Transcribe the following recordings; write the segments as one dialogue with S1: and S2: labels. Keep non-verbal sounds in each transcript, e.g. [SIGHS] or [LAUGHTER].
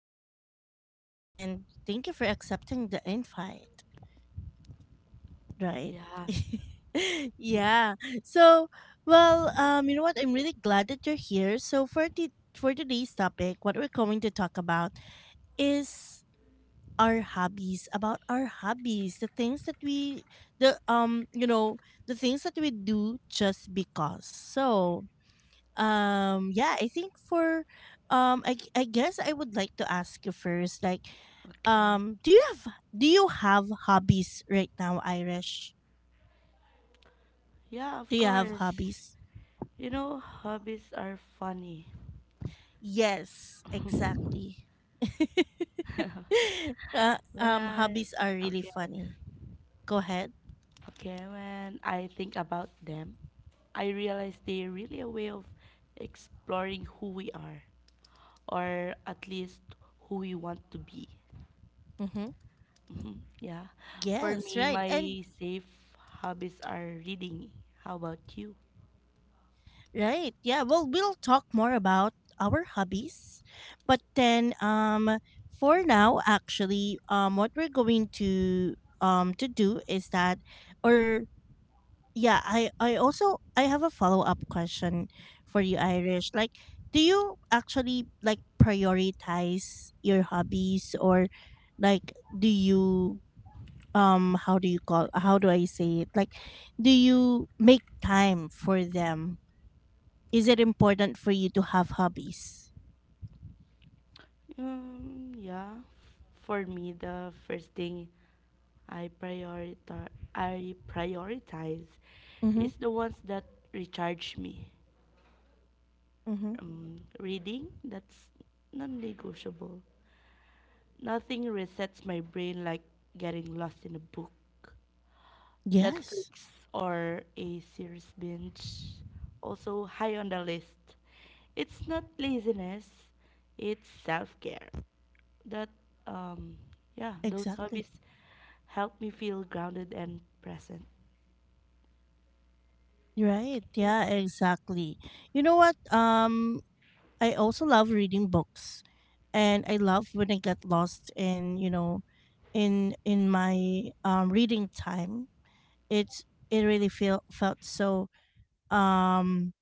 S1: Irish. And thank you for accepting the invite. Right.
S2: Yeah.
S1: [LAUGHS] Yeah. So, well, you know what? I'm really glad that you're here. So, for today's topic, what we're going to talk about is our hobbies, about our hobbies, the things that we the um you know, the things that we do just because. So, yeah, I think for I guess I would like to ask you first, like,
S2: Okay.
S1: um do you have do you have hobbies right now, Irish?
S2: Yeah, of
S1: Do you have
S2: course.
S1: hobbies?
S2: Hobbies are funny.
S1: Yes, exactly. [LAUGHS]
S2: When I
S1: Hobbies are really
S2: okay,
S1: funny. Go ahead.
S2: okay, when I think about them, I realize they're really a way of exploring who we are, or at least who we want to be.
S1: Mm-hmm.
S2: Mhm. Yeah. For
S1: Yes,
S2: me,
S1: right. And
S2: my safe hobbies are reading. How about you?
S1: right. Yeah, well, we'll talk more about our hobbies. But then, for now, actually, what we're going to do is that, or, yeah, I have a follow-up question for you, Irish, like, do you actually, like, prioritize your hobbies? Or, like, do you, how do you call, how do I say it, like, do you make time for them? Is it important for you to have hobbies?
S2: Yeah, for me, the first thing I prioritize
S1: Mm-hmm.
S2: is the ones that recharge me.
S1: Mm-hmm.
S2: Reading, that's non-negotiable. Nothing resets my brain like getting lost in a book,
S1: Yes.
S2: Netflix, or a series binge. Also high on the list. It's not laziness, it's self-care. That um yeah Those
S1: Exactly.
S2: hobbies help me feel grounded and present.
S1: Right.
S2: Okay.
S1: Yeah, exactly. You know what? I also love reading books, and I love when I get lost in, in my reading time. It's it really feel felt so, um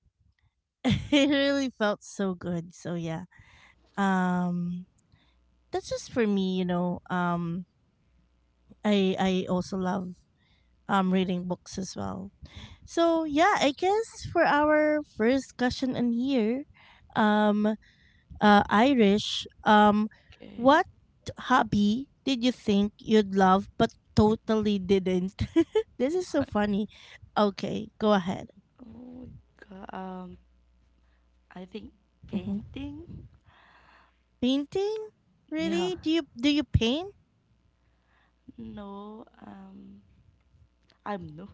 S1: [LAUGHS] it really felt so good. So, yeah. Um that's just for me, you know. I also love reading books as well. So, yeah, I guess for our first question in here, um, Irish,
S2: [LAUGHS] Okay.
S1: what hobby did you think you'd love but totally didn't? [LAUGHS] This is so
S2: I,
S1: funny. Okay, go ahead.
S2: oh god, I think
S1: Hmm.
S2: painting.
S1: Painting,
S2: Yeah.
S1: really? Do you paint?
S2: No. I'm no.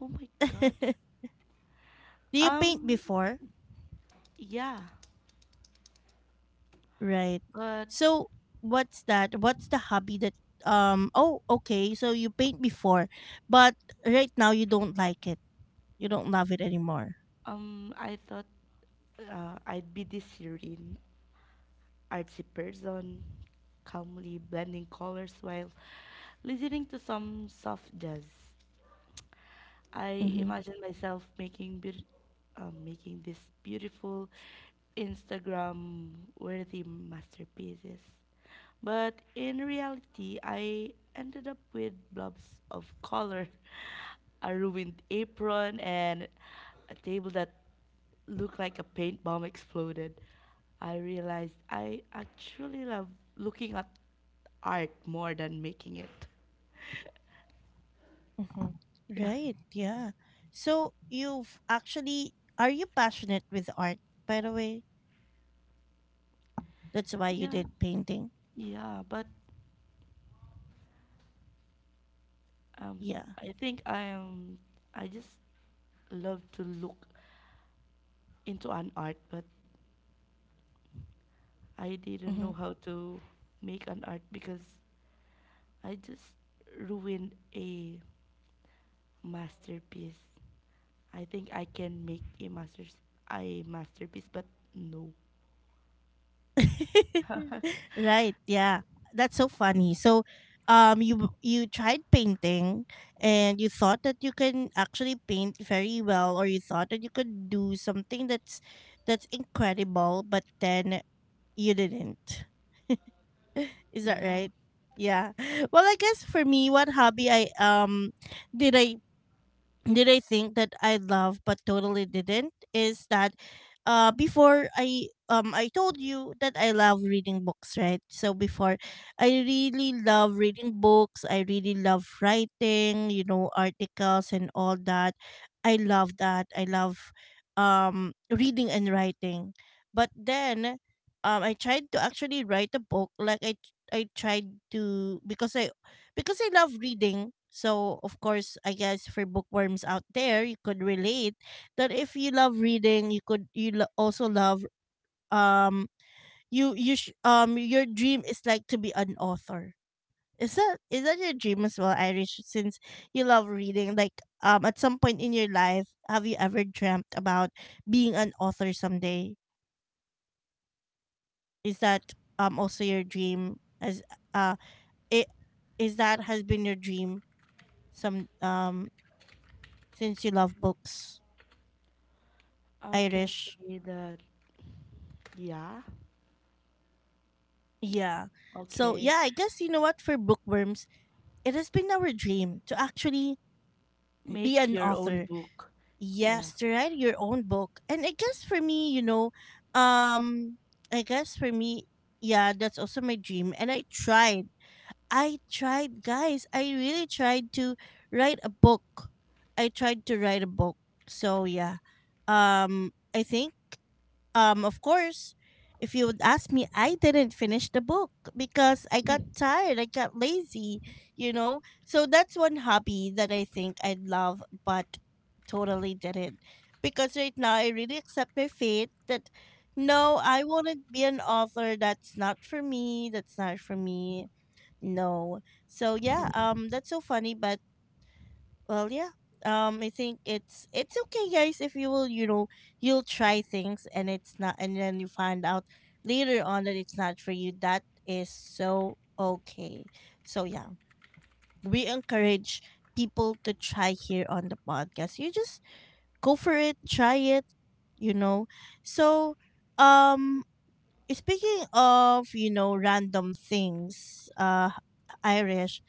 S2: Oh my god.
S1: [LAUGHS] Do you paint
S2: um
S1: before?
S2: yeah,
S1: Right.
S2: but
S1: So, what's that? What's the hobby that? Oh, okay. So, you paint before, but right now you don't love it anymore.
S2: I thought I'd be this serene artsy person calmly blending colors while listening to some soft jazz. I
S1: Mm-hmm.
S2: imagine myself making this beautiful Instagram worthy masterpieces. But in reality, I ended up with blobs of color, [LAUGHS] a ruined apron, and a table that looked like a paint bomb exploded. I realized I actually love looking at art more than making it. [LAUGHS]
S1: Mm-hmm.
S2: Yeah.
S1: Right. Yeah. So, you've actually are you passionate with art, by the way? That's why you
S2: Yeah,
S1: did painting.
S2: yeah, but
S1: Yeah.
S2: I think I am. I just love to look into an art, but I didn't know
S1: Mm-hmm.
S2: how to make an art because I just ruined a masterpiece. I think I can make a masterpiece, but no. [LAUGHS]
S1: [LAUGHS] Right. Yeah. That's so funny. So, you tried painting, and you thought that you can actually paint very well, or you thought that you could do something that's incredible, but then you didn't. Is that
S2: Yeah,
S1: right? Yeah. [LAUGHS] Well, I guess for me, what hobby I did I did I think that I love but totally didn't, is that, before I told you that I love reading books, right? So before, I really love reading books, I really love writing, you know, articles and all that. I love that. I love reading and writing. But then, I tried to actually write a book, like, I tried to, because I love reading. So, of course, I guess for bookworms out there, you could relate that if you love reading, you could also love um your dream is, like, to be an author. Is that your dream as well, Irish? Since you love reading, like, at some point in your life, have you ever dreamt about being an author someday? Is that also your dream, as, uh it is, that has been your dream, some, since you love books,
S2: I can
S1: Irish?
S2: say that. Yeah,
S1: Yeah. So,
S2: okay.
S1: yeah, I guess, you know what? For bookworms, it has been our dream to actually be
S2: Make
S1: an
S2: your
S1: author.
S2: own book. Yeah.
S1: Yes, to write your own book. And I guess for me, you know, um, I guess for me, yeah, that's also my dream. And I tried. I tried, guys. I really tried to write a book. I tried to write a book. So, yeah. I think. Of course, if you would ask me, I didn't finish the book, because I got
S2: [LAUGHS]
S1: tired, I got lazy, you know. So that's one hobby that I think I love, but totally didn't. Because right now I really accept my fate that no, I wouldn't be an author. That's not for me. That's not for me. No. So, yeah, that's so funny, but, well, yeah, I think it's okay, guys. If you will, you know, you'll try things and it's not, and then you find out later on that it's not for you, that is so okay. So, yeah, we encourage people to try here on the podcast. You just go for it, try it, you know. So, um speaking of, you know, random things, Irish,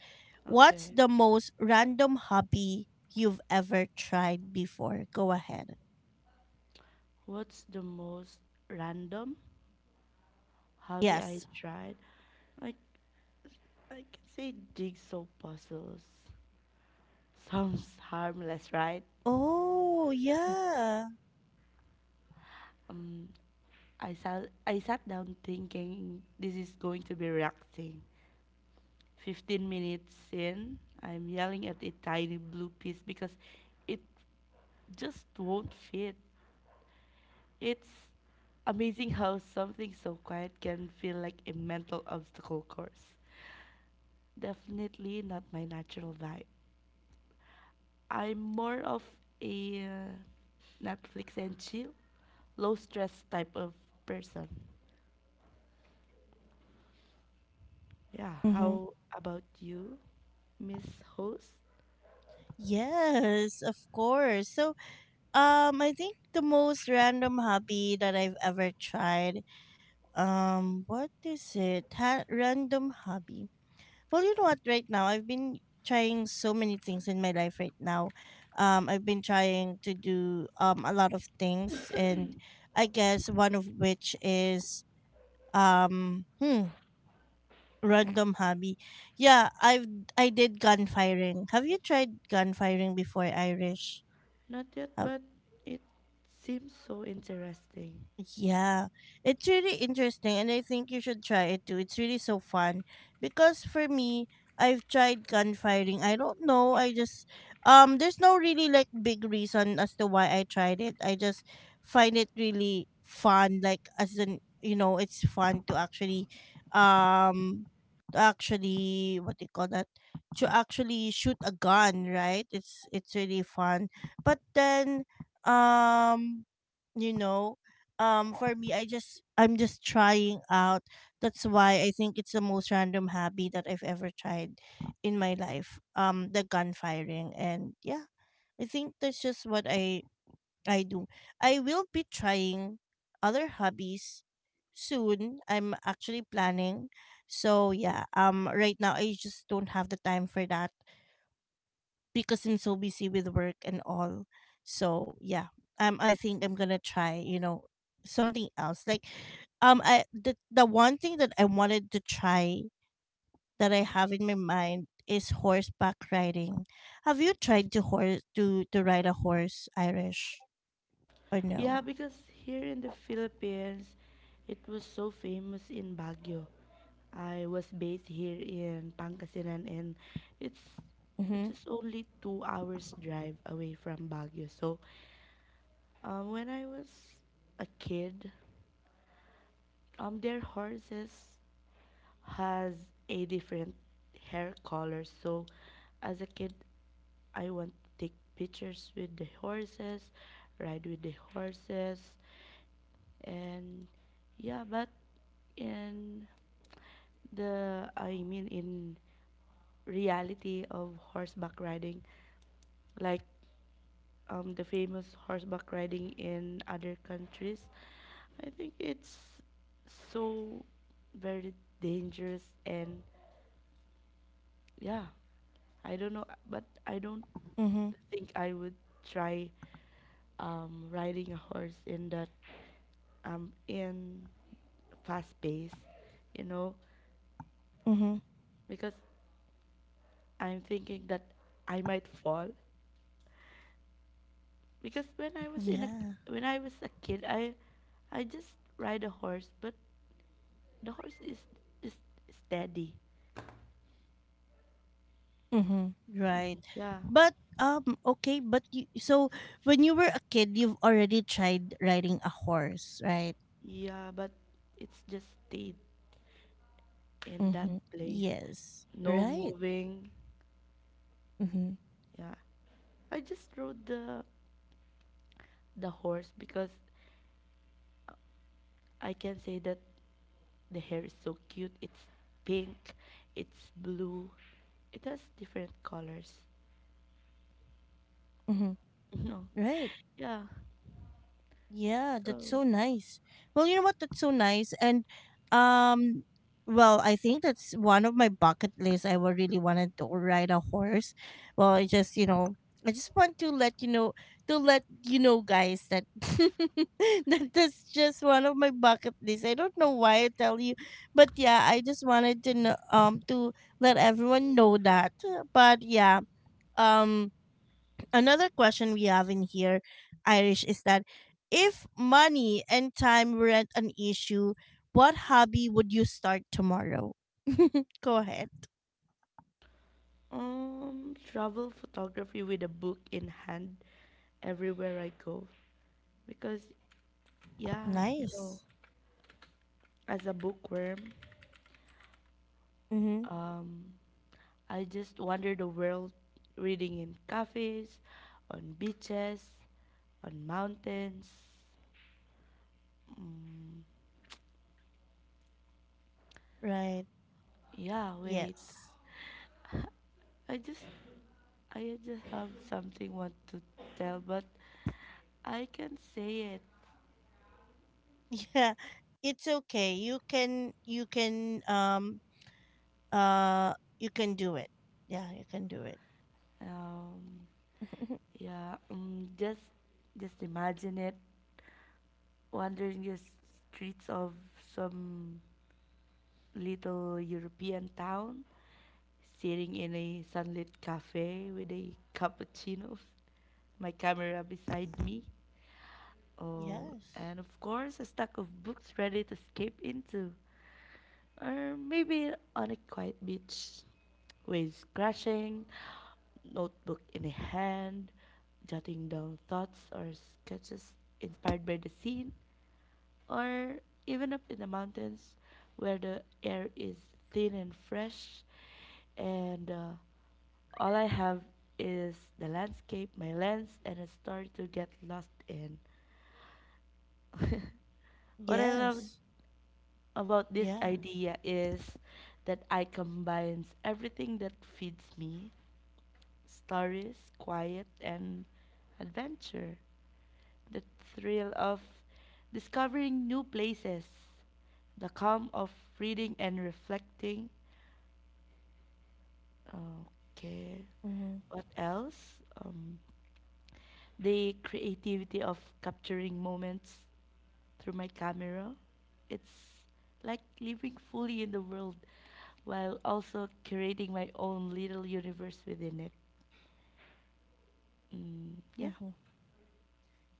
S1: what's
S2: Okay.
S1: the most random hobby you've ever tried before? Go ahead.
S2: What's the most random hobby I
S1: Yes.
S2: tried. Like, I can say jigsaw puzzles. Sounds harmless, right?
S1: Oh, yeah.
S2: Um I sat down thinking this is going to be relaxing. 15 minutes in, I'm yelling at a tiny blue piece because it just won't fit. It's amazing how something so quiet can feel like a mental obstacle course. Definitely not my natural vibe. I'm more of a Netflix and chill, low stress type of person. Yeah,
S1: Mm-hmm.
S2: how about you, Miss Host?
S1: Yes, of course. So, I think the most random hobby that I've ever tried, what is it? Random hobby. Well, you know what? Right now, I've been trying so many things in my life right now. I've been trying to do a lot of things, and I guess one of which is, um hmm, random hobby. Yeah, I did gun firing. Have you tried gun firing before, Irish?
S2: Not yet, but it seems so interesting.
S1: Yeah, it's really interesting, and I think you should try it too. It's really so fun, because for me, I've tried gun firing. I don't know. I just there's no really, like, big reason as to why I tried it. I just find it really fun. Like, as in, you know, it's fun to actually, um, what do you call that? To actually shoot a gun, right? It's really fun. But then, um, you know, for me, I'm just trying out. That's why I think it's the most random hobby that I've ever tried in my life, the gun firing. And, yeah, I think that's just what I do. I will be trying other hobbies soon. I'm actually planning. So, yeah, right now I just don't have the time for that, because I'm so busy with work and all. So, yeah, I think I'm gonna try, you know, something else. Like, I the one thing that I wanted to try that I have in my mind is horseback riding. Have you tried to ride a horse, Irish, or no?
S2: Yeah, because here in the Philippines, it was so famous in Baguio. I was based here in Pangasinan, and it's
S1: Mm-hmm.
S2: just only 2 hours drive away from Baguio. So. When I was a kid, their horses has a different hair color. So, as a kid, I want to take pictures with the horses, ride with the horses, and yeah. But in I mean, in reality of horseback riding, like, the famous horseback riding in other countries. I think it's so very dangerous and yeah, I don't know, but I don't
S1: Mm-hmm.
S2: think I would try riding a horse in that in fast pace, you know,
S1: Mm-hmm.
S2: because I'm thinking that I might fall. Because
S1: Yeah.
S2: when I was a kid, I just ride a horse, but the horse is steady.
S1: Mm-hmm. Right.
S2: Mm, yeah,
S1: But, okay, but you so when you were a kid, you've already tried riding a horse, right?
S2: yeah, but it's just stayed in that
S1: Mm-hmm.
S2: place,
S1: Yes.
S2: no
S1: Right.
S2: moving.
S1: Mm-hmm.
S2: Yeah, I just rode the horse because I can say that the hair is so cute. It's pink, it's blue, it has different colors.
S1: Mm-hmm.
S2: [LAUGHS] No,
S1: Right.
S2: yeah.
S1: Yeah,
S2: So.
S1: that's so nice. Well, you know what? That's so nice. And, um well, I think that's one of my bucket lists. I would really wanted to ride a horse. Well, I just, you know, I just want to let you know to let you know, guys, that [LAUGHS] that's just one of my bucket lists. I don't know why I tell you, but, yeah, I just wanted to know, to let everyone know that. But, yeah, um another question we have in here, Irish, is that, if money and time weren't an issue, what hobby would you start tomorrow? Go ahead.
S2: Travel photography with a book in hand everywhere I go. Because, yeah,
S1: Nice.
S2: as a bookworm,
S1: Mm-hmm.
S2: um, I just wander the world reading in cafes, on beaches, on mountains. Mm,
S1: Right.
S2: yeah, wait.
S1: Yes.
S2: I just, I just have something want to tell, but I can't say it.
S1: [LAUGHS] Yeah. It's okay. You can. You can. Uh. You can do it. Yeah. You can do it.
S2: Um,
S1: [LAUGHS]
S2: Yeah, just imagine it wandering the streets of some little European town, sitting in a sunlit cafe with a cappuccino, my camera beside me, oh,
S1: Yes.
S2: and of course a stack of books ready to escape into. Or maybe on a quiet beach, waves crashing, notebook in a hand, jotting down thoughts or sketches inspired by the scene, or even up in the mountains where the air is thin and fresh, and all I have is the landscape, my lens, and a story to get lost in. [LAUGHS] What I love
S1: Yes.
S2: about this
S1: Yeah.
S2: idea is that I combines everything that feeds me stories, quiet, and adventure. The thrill of discovering new places, the calm of reading and reflecting. Okay,
S1: Mm-hmm.
S2: what else? The creativity of capturing moments through my camera. It's like living fully in the world while also creating my own little universe within it. Mm, yeah.
S1: Mm-hmm.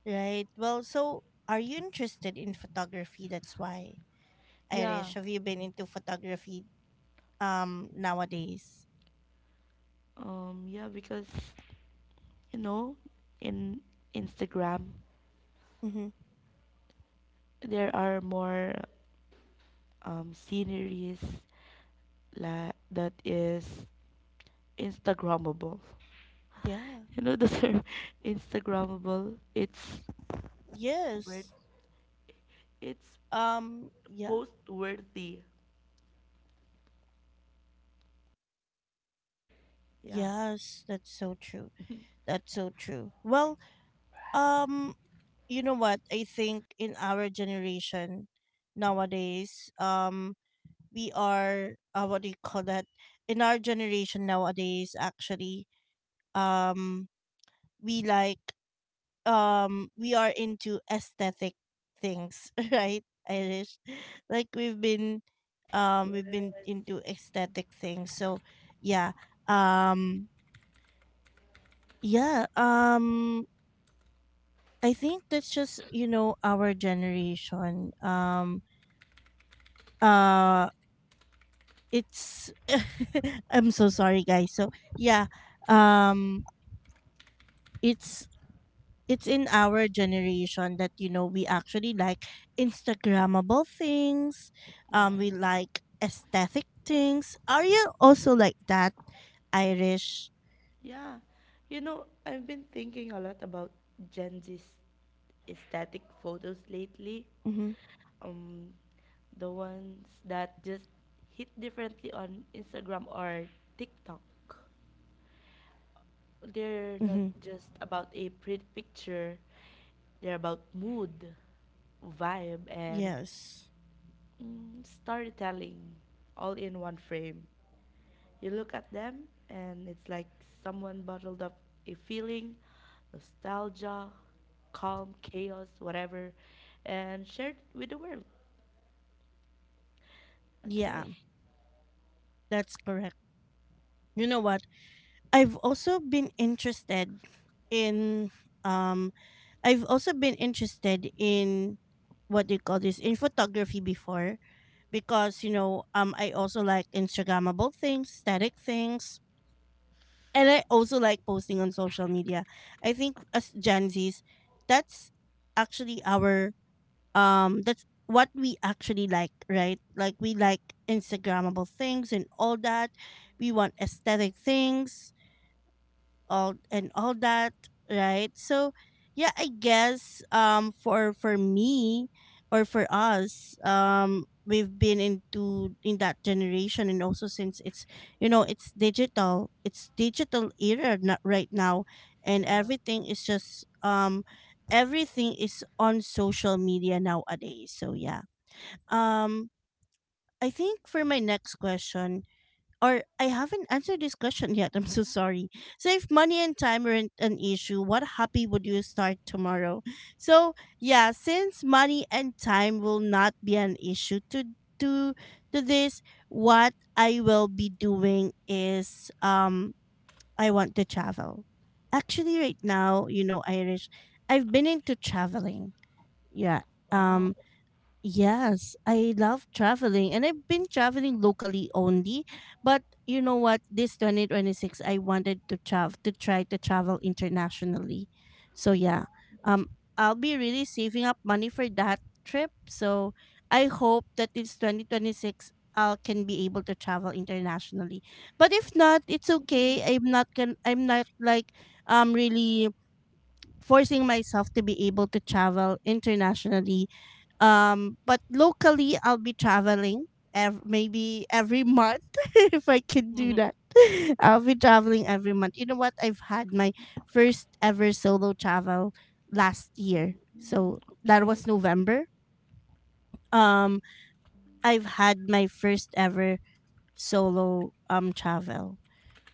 S1: Right. Well. So, are you interested in photography? That's why.
S2: Yeah.
S1: Irish, have you been into photography, nowadays?
S2: Yeah, because you know in Instagram
S1: Mm-hmm.
S2: there are more sceneries that is instagrammable. [LAUGHS]
S1: Yeah.
S2: You know the term [LAUGHS] instagrammable? Worth
S1: Yes.
S2: it's
S1: Yeah.
S2: post worthy. Yeah.
S1: Yes. That's so true. That's so true. Well. Um. You know what? I think in our generation nowadays, we are, what do you call that? In our generation nowadays, actually, um, we like we are into aesthetic things. [LAUGHS] Right, Irish? Like, we've been
S2: Yes.
S1: into aesthetic things. So, yeah, um yeah, I think that's just, you know, our generation, uh it's [LAUGHS] I'm so sorry, guys. So, yeah, um it's it's in our generation that, you know, we actually like Instagrammable things,
S2: Yeah.
S1: we like aesthetic things. Are you also like that, Irish?
S2: Yeah. I've been thinking a lot about Gen Z's aesthetic photos lately.
S1: Mm-hmm.
S2: Um, the ones that just hit differently on Instagram or TikTok. They're
S1: Mm-hmm.
S2: not just about a pretty picture, they're about mood, vibe, and
S1: Yes.
S2: storytelling all in one frame. You look at them, and it's like someone bottled up a feeling, nostalgia, calm, chaos, whatever, and shared it with the world.
S1: Yeah,
S2: Okay.
S1: that's correct. You know what? i've also been interested in um I've also been interested in, what do you call this, in photography before, because, you know, I also like Instagrammable things, static things, and I also like posting on social media. I think as Gen Zs, that's actually, our that's what we actually like, right? Like, we like Instagrammable things and all that. We want aesthetic things, all and all that, right? So, yeah, I guess, for me, or for us, we've been into in that generation. And also since it's, you know, it's digital, it's digital era not right now, and
S2: Yeah.
S1: everything is just, everything is on social media nowadays. So, yeah, um I think for my next question, or, I haven't answered this question yet. [LAUGHS] I'm so sorry. So if money and time weren't an issue, what hobby would you start tomorrow? So yeah, since money and time will not be an issue to to to this, what I will be doing is I want to travel. Actually right now, you know, Irish, I've been into traveling. Yeah. Um
S2: Wow.
S1: Yes, I love traveling and I've been traveling locally only. But you know what? This 2026, I wanted to travel to try to travel internationally. So yeah,
S2: Oh.
S1: um, I'll be really saving up money for that trip. So I hope that this 2026, I can be able to travel internationally. But if not, it's okay.
S2: Mm.
S1: I'm not like really forcing myself to be able to travel internationally, but locally, I'll be traveling maybe every month [LAUGHS] if I can do that.
S2: [LAUGHS]
S1: [LAUGHS] I'll be traveling every month. You know what? I've had my first ever solo travel last year.
S2: Mm,
S1: So that was
S2: okay.
S1: November. Um, I've had my first ever solo travel.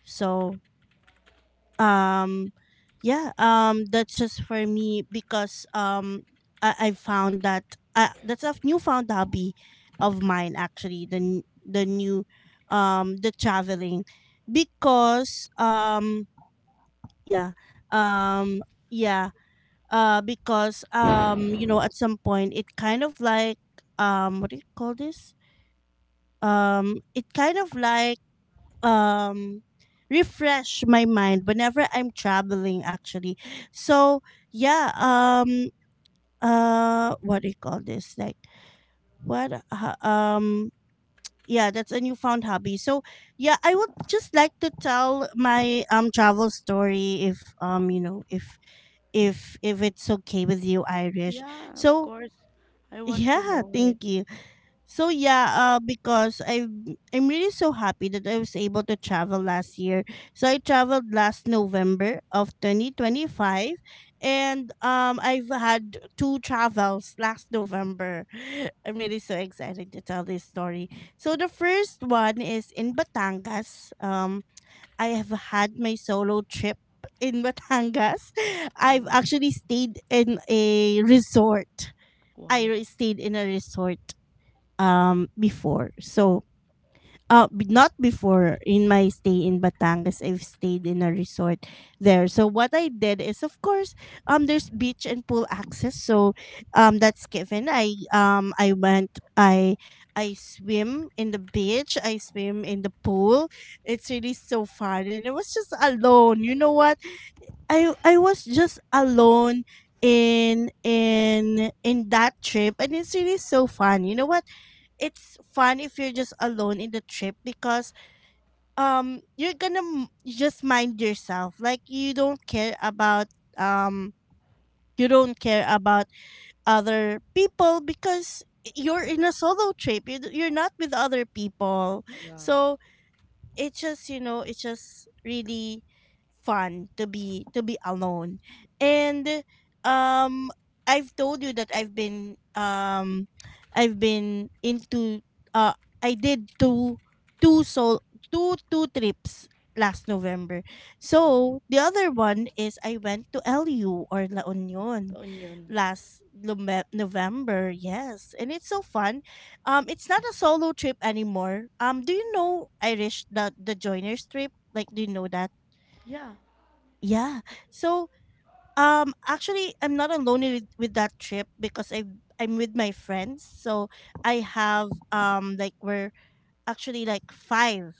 S1: So um yeah, that's just for me because I found that that's a newfound hobby of mine, actually, the n- the new the traveling because yeah um yeah because you know, at some point it kind of like, what do you call this, it kind of like, um refresh my mind whenever I'm traveling, actually. So yeah, what do you call this? Like what, yeah, that's a newfound hobby. So yeah, I would just like to tell my travel story if, you know, if if it's okay with you, Irish.
S2: Yeah, of
S1: So
S2: course.
S1: [LAUGHS]
S2: I want to
S1: yeah,
S2: know it.
S1: thank you. So yeah, because I'm really so happy that I was able to travel last year. So I traveled last November of 2025, and I've had two travels last November. [LAUGHS] [SIGHS] I'm really so excited to tell this story. So the first one is in Batangas. I have had my solo trip in Batangas. [LAUGHS] I've
S2: Um,
S1: actually stayed in a resort.
S2: wow.
S1: Stayed in a resort before. So not before, in my stay in Batangas, I've stayed in a resort there. So what I did is, of course, there's beach and pool access. So that's given. I went I swim in the beach, I swim in the pool. It's really so fun and it was just alone. You know what? I was just alone in in that trip and it's really so fun. You know what? It's fun if you're just alone in the trip because you're gonna just mind yourself, like you don't care about, um you don't care about other people because you're in a solo trip. You're not with other people,
S2: Yeah.
S1: so it's just, you know, it's just really fun to be alone. And um I've told you that I've been into, uh I did two soul two two trips last November.
S2: Wow.
S1: So the other one is, I went to lu or La Union
S2: The onion.
S1: last November, yes, and it's so fun. It's not a solo trip anymore. Do you know, Irish, the joiners trip? Like, do you know that?
S2: Yeah.
S1: Yeah. So, actually, I'm not alone with, that trip because I'm with my friends. So I have, um, like, we're actually like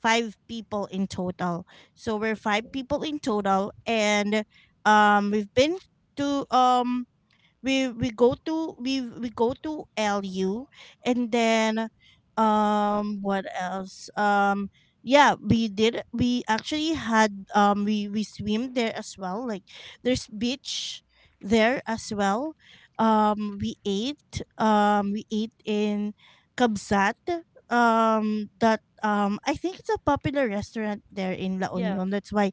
S1: five people in total. So we're five
S2: Okay.
S1: people in total, and we've been to, we go to, we go to LU, and then, what else, yeah, we actually had, we swim there as well, like there's beach there as well. We ate, we ate in Kabsat, that, I think it's a popular restaurant there in La
S2: Yeah.
S1: Union, that's why,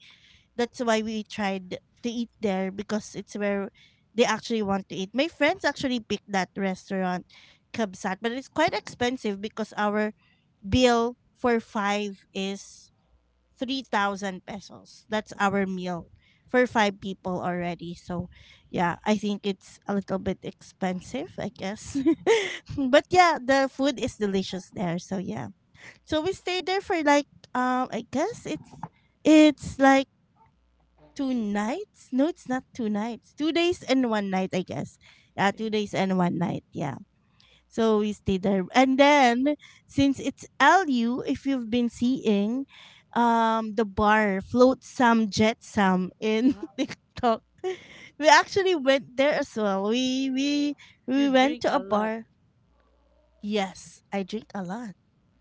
S1: that's why we tried to eat there, because it's where they actually want to eat. My friends actually picked that restaurant, Kabsat, but it's quite expensive because our bill for five is 3,000 pesos. That's our meal for five people already. So, yeah, I think it's a little bit expensive, I guess. [LAUGHS] But yeah, the food is delicious there. So, yeah. So, we stayed there for like, I guess it's like, two nights? No, it's not two nights. 2 days and 1 night, I guess.
S2: Okay.
S1: 2 days and one night. Yeah. So we stayed there, and then since it's LU, if you've been seeing, the bar, float some, jet some in
S2: Wow.
S1: [LAUGHS] talk. We actually went there as well. We we
S2: You
S1: went
S2: drink
S1: to a
S2: a lot.
S1: bar. Yes, I drink a lot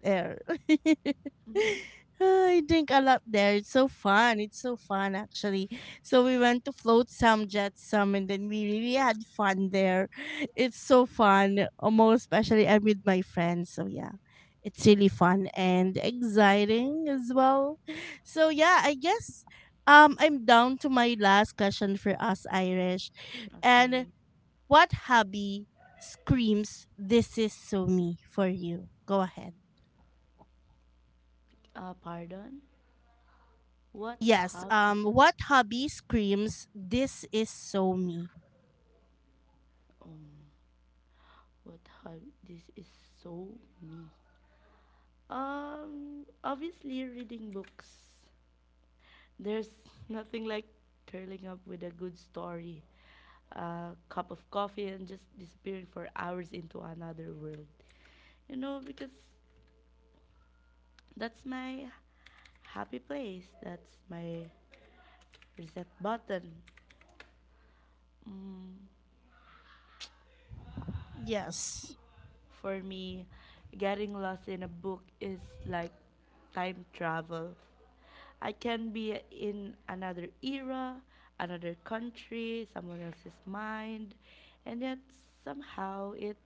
S1: there. [LAUGHS]
S2: [LAUGHS]
S1: I drink a lot there. It's so fun. It's so fun, actually. So we went to float some, jet some, and then we really had fun there. It's so fun, most especially I'm with my friends. So yeah, it's really fun and exciting as well. So yeah, I guess, I'm down to my last question for us, Irish, and
S2: Okay.
S1: what hobby screams "this is so me" for you? Go ahead.
S2: Pardon? What
S1: Yes. Um,
S2: hobby?
S1: what hobby screams "this is so me"?
S2: Um, what hobby? This is so me. Obviously reading books. There's [LAUGHS] nothing like curling up with a good story, a cup of coffee, and just disappearing for hours into another world. Because that's my happy place. That's my reset button. Mm,
S1: Yes.
S2: For me, getting lost in a book is like time travel. I can be in another era, another country, someone else's mind, and yet somehow it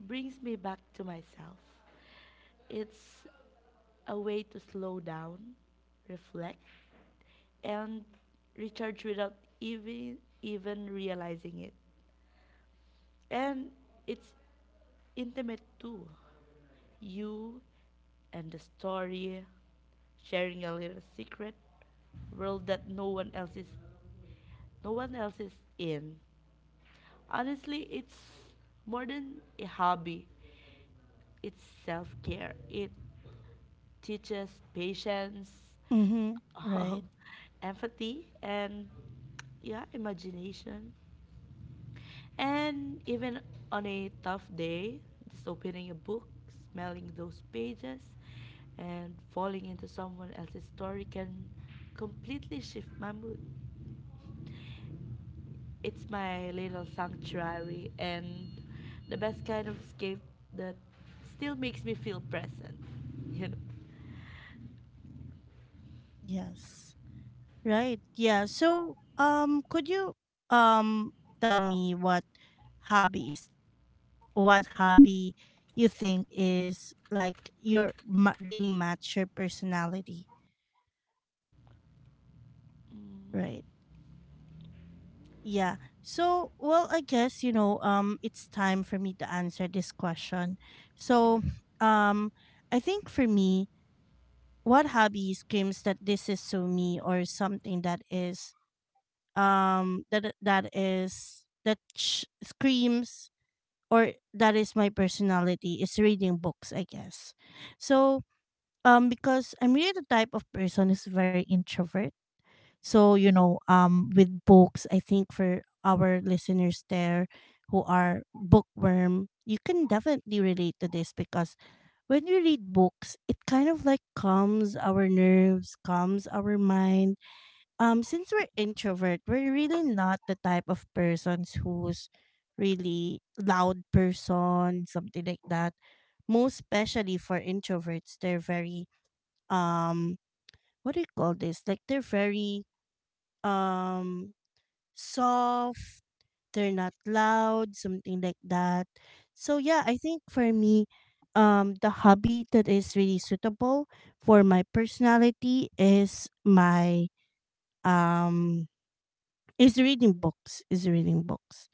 S2: brings me back to myself. It's a way to slow down, reflect, and recharge without even realizing it. And it's intimate too. You and the story, sharing a little secret world that no one else is in. Honestly, it's more than a hobby. It's self-care. It teaches patience,
S1: Mhm.
S2: [LAUGHS] um,
S1: Right.
S2: empathy, and yeah, imagination. And even on a tough day, just opening a book, smelling those pages, and falling into someone else's story can completely shift my mood. It's my little sanctuary and the best kind of escape that still makes me feel present, [LAUGHS] you know.
S1: Yes. Right. Yeah. So, could you, um tell me what hobby is that? Like, what hobby you think is like your really match your personality,
S2: Mm,
S1: right? Yeah. So, well, I guess, you know, it's time for me to answer this question. So,
S2: yes.
S1: um I think for me, what hobby screams that this is so me, or something that is, that is screams or that is my personality, is reading books, I guess. So, because I'm really the type of person who's very introvert. So, you know, with books, I think for our listeners there who are bookworm, you can definitely relate to this, because when you read books, it kind of like calms our nerves, calms our mind. Since we're introvert, we're really not the type of persons who's really loud person, something like that. Most especially for introverts, they're very, um what do you call this? Like they're very, um soft, they're not loud, something like that. So yeah, I think for me, the hobby that is really suitable for my personality is my, um is reading books. Is reading books.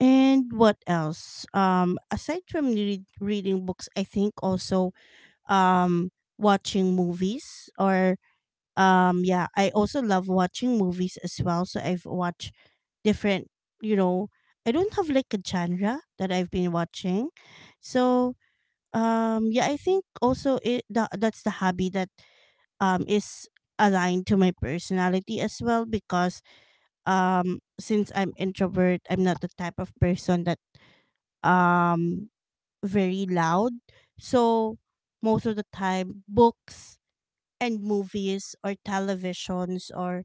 S1: And what else? Aside from reading books, I think also, um watching movies, or yeah, I also love watching movies as well. So I've watched different, you know, I don't have like a genre that I've been watching. So, yeah, I think also it, that's the hobby that, is aligned to my personality as well, because, since I'm introvert, I'm not the type of person that, um very loud. So most of the time, books and movies, or televisions, or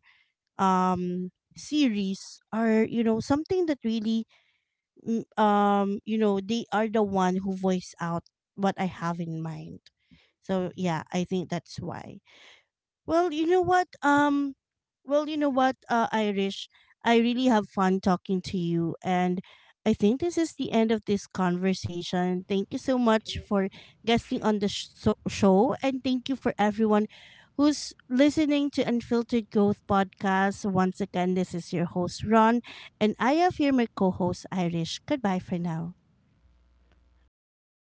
S1: series, are, you know, something that really, you know, they are the one who voice out what I have in mind. So yeah, I think that's why. Well, you know what? Well, you know what, Irish, I really have fun talking to you, and I think this is the end of this conversation. Thank you so much
S2: Okay.
S1: for guesting on the show, and thank you for everyone who's listening to Unfiltered Growth Podcast. Once again, this is your host Ron, and I have here my co-host Irish. Goodbye for now.
S2: Okay.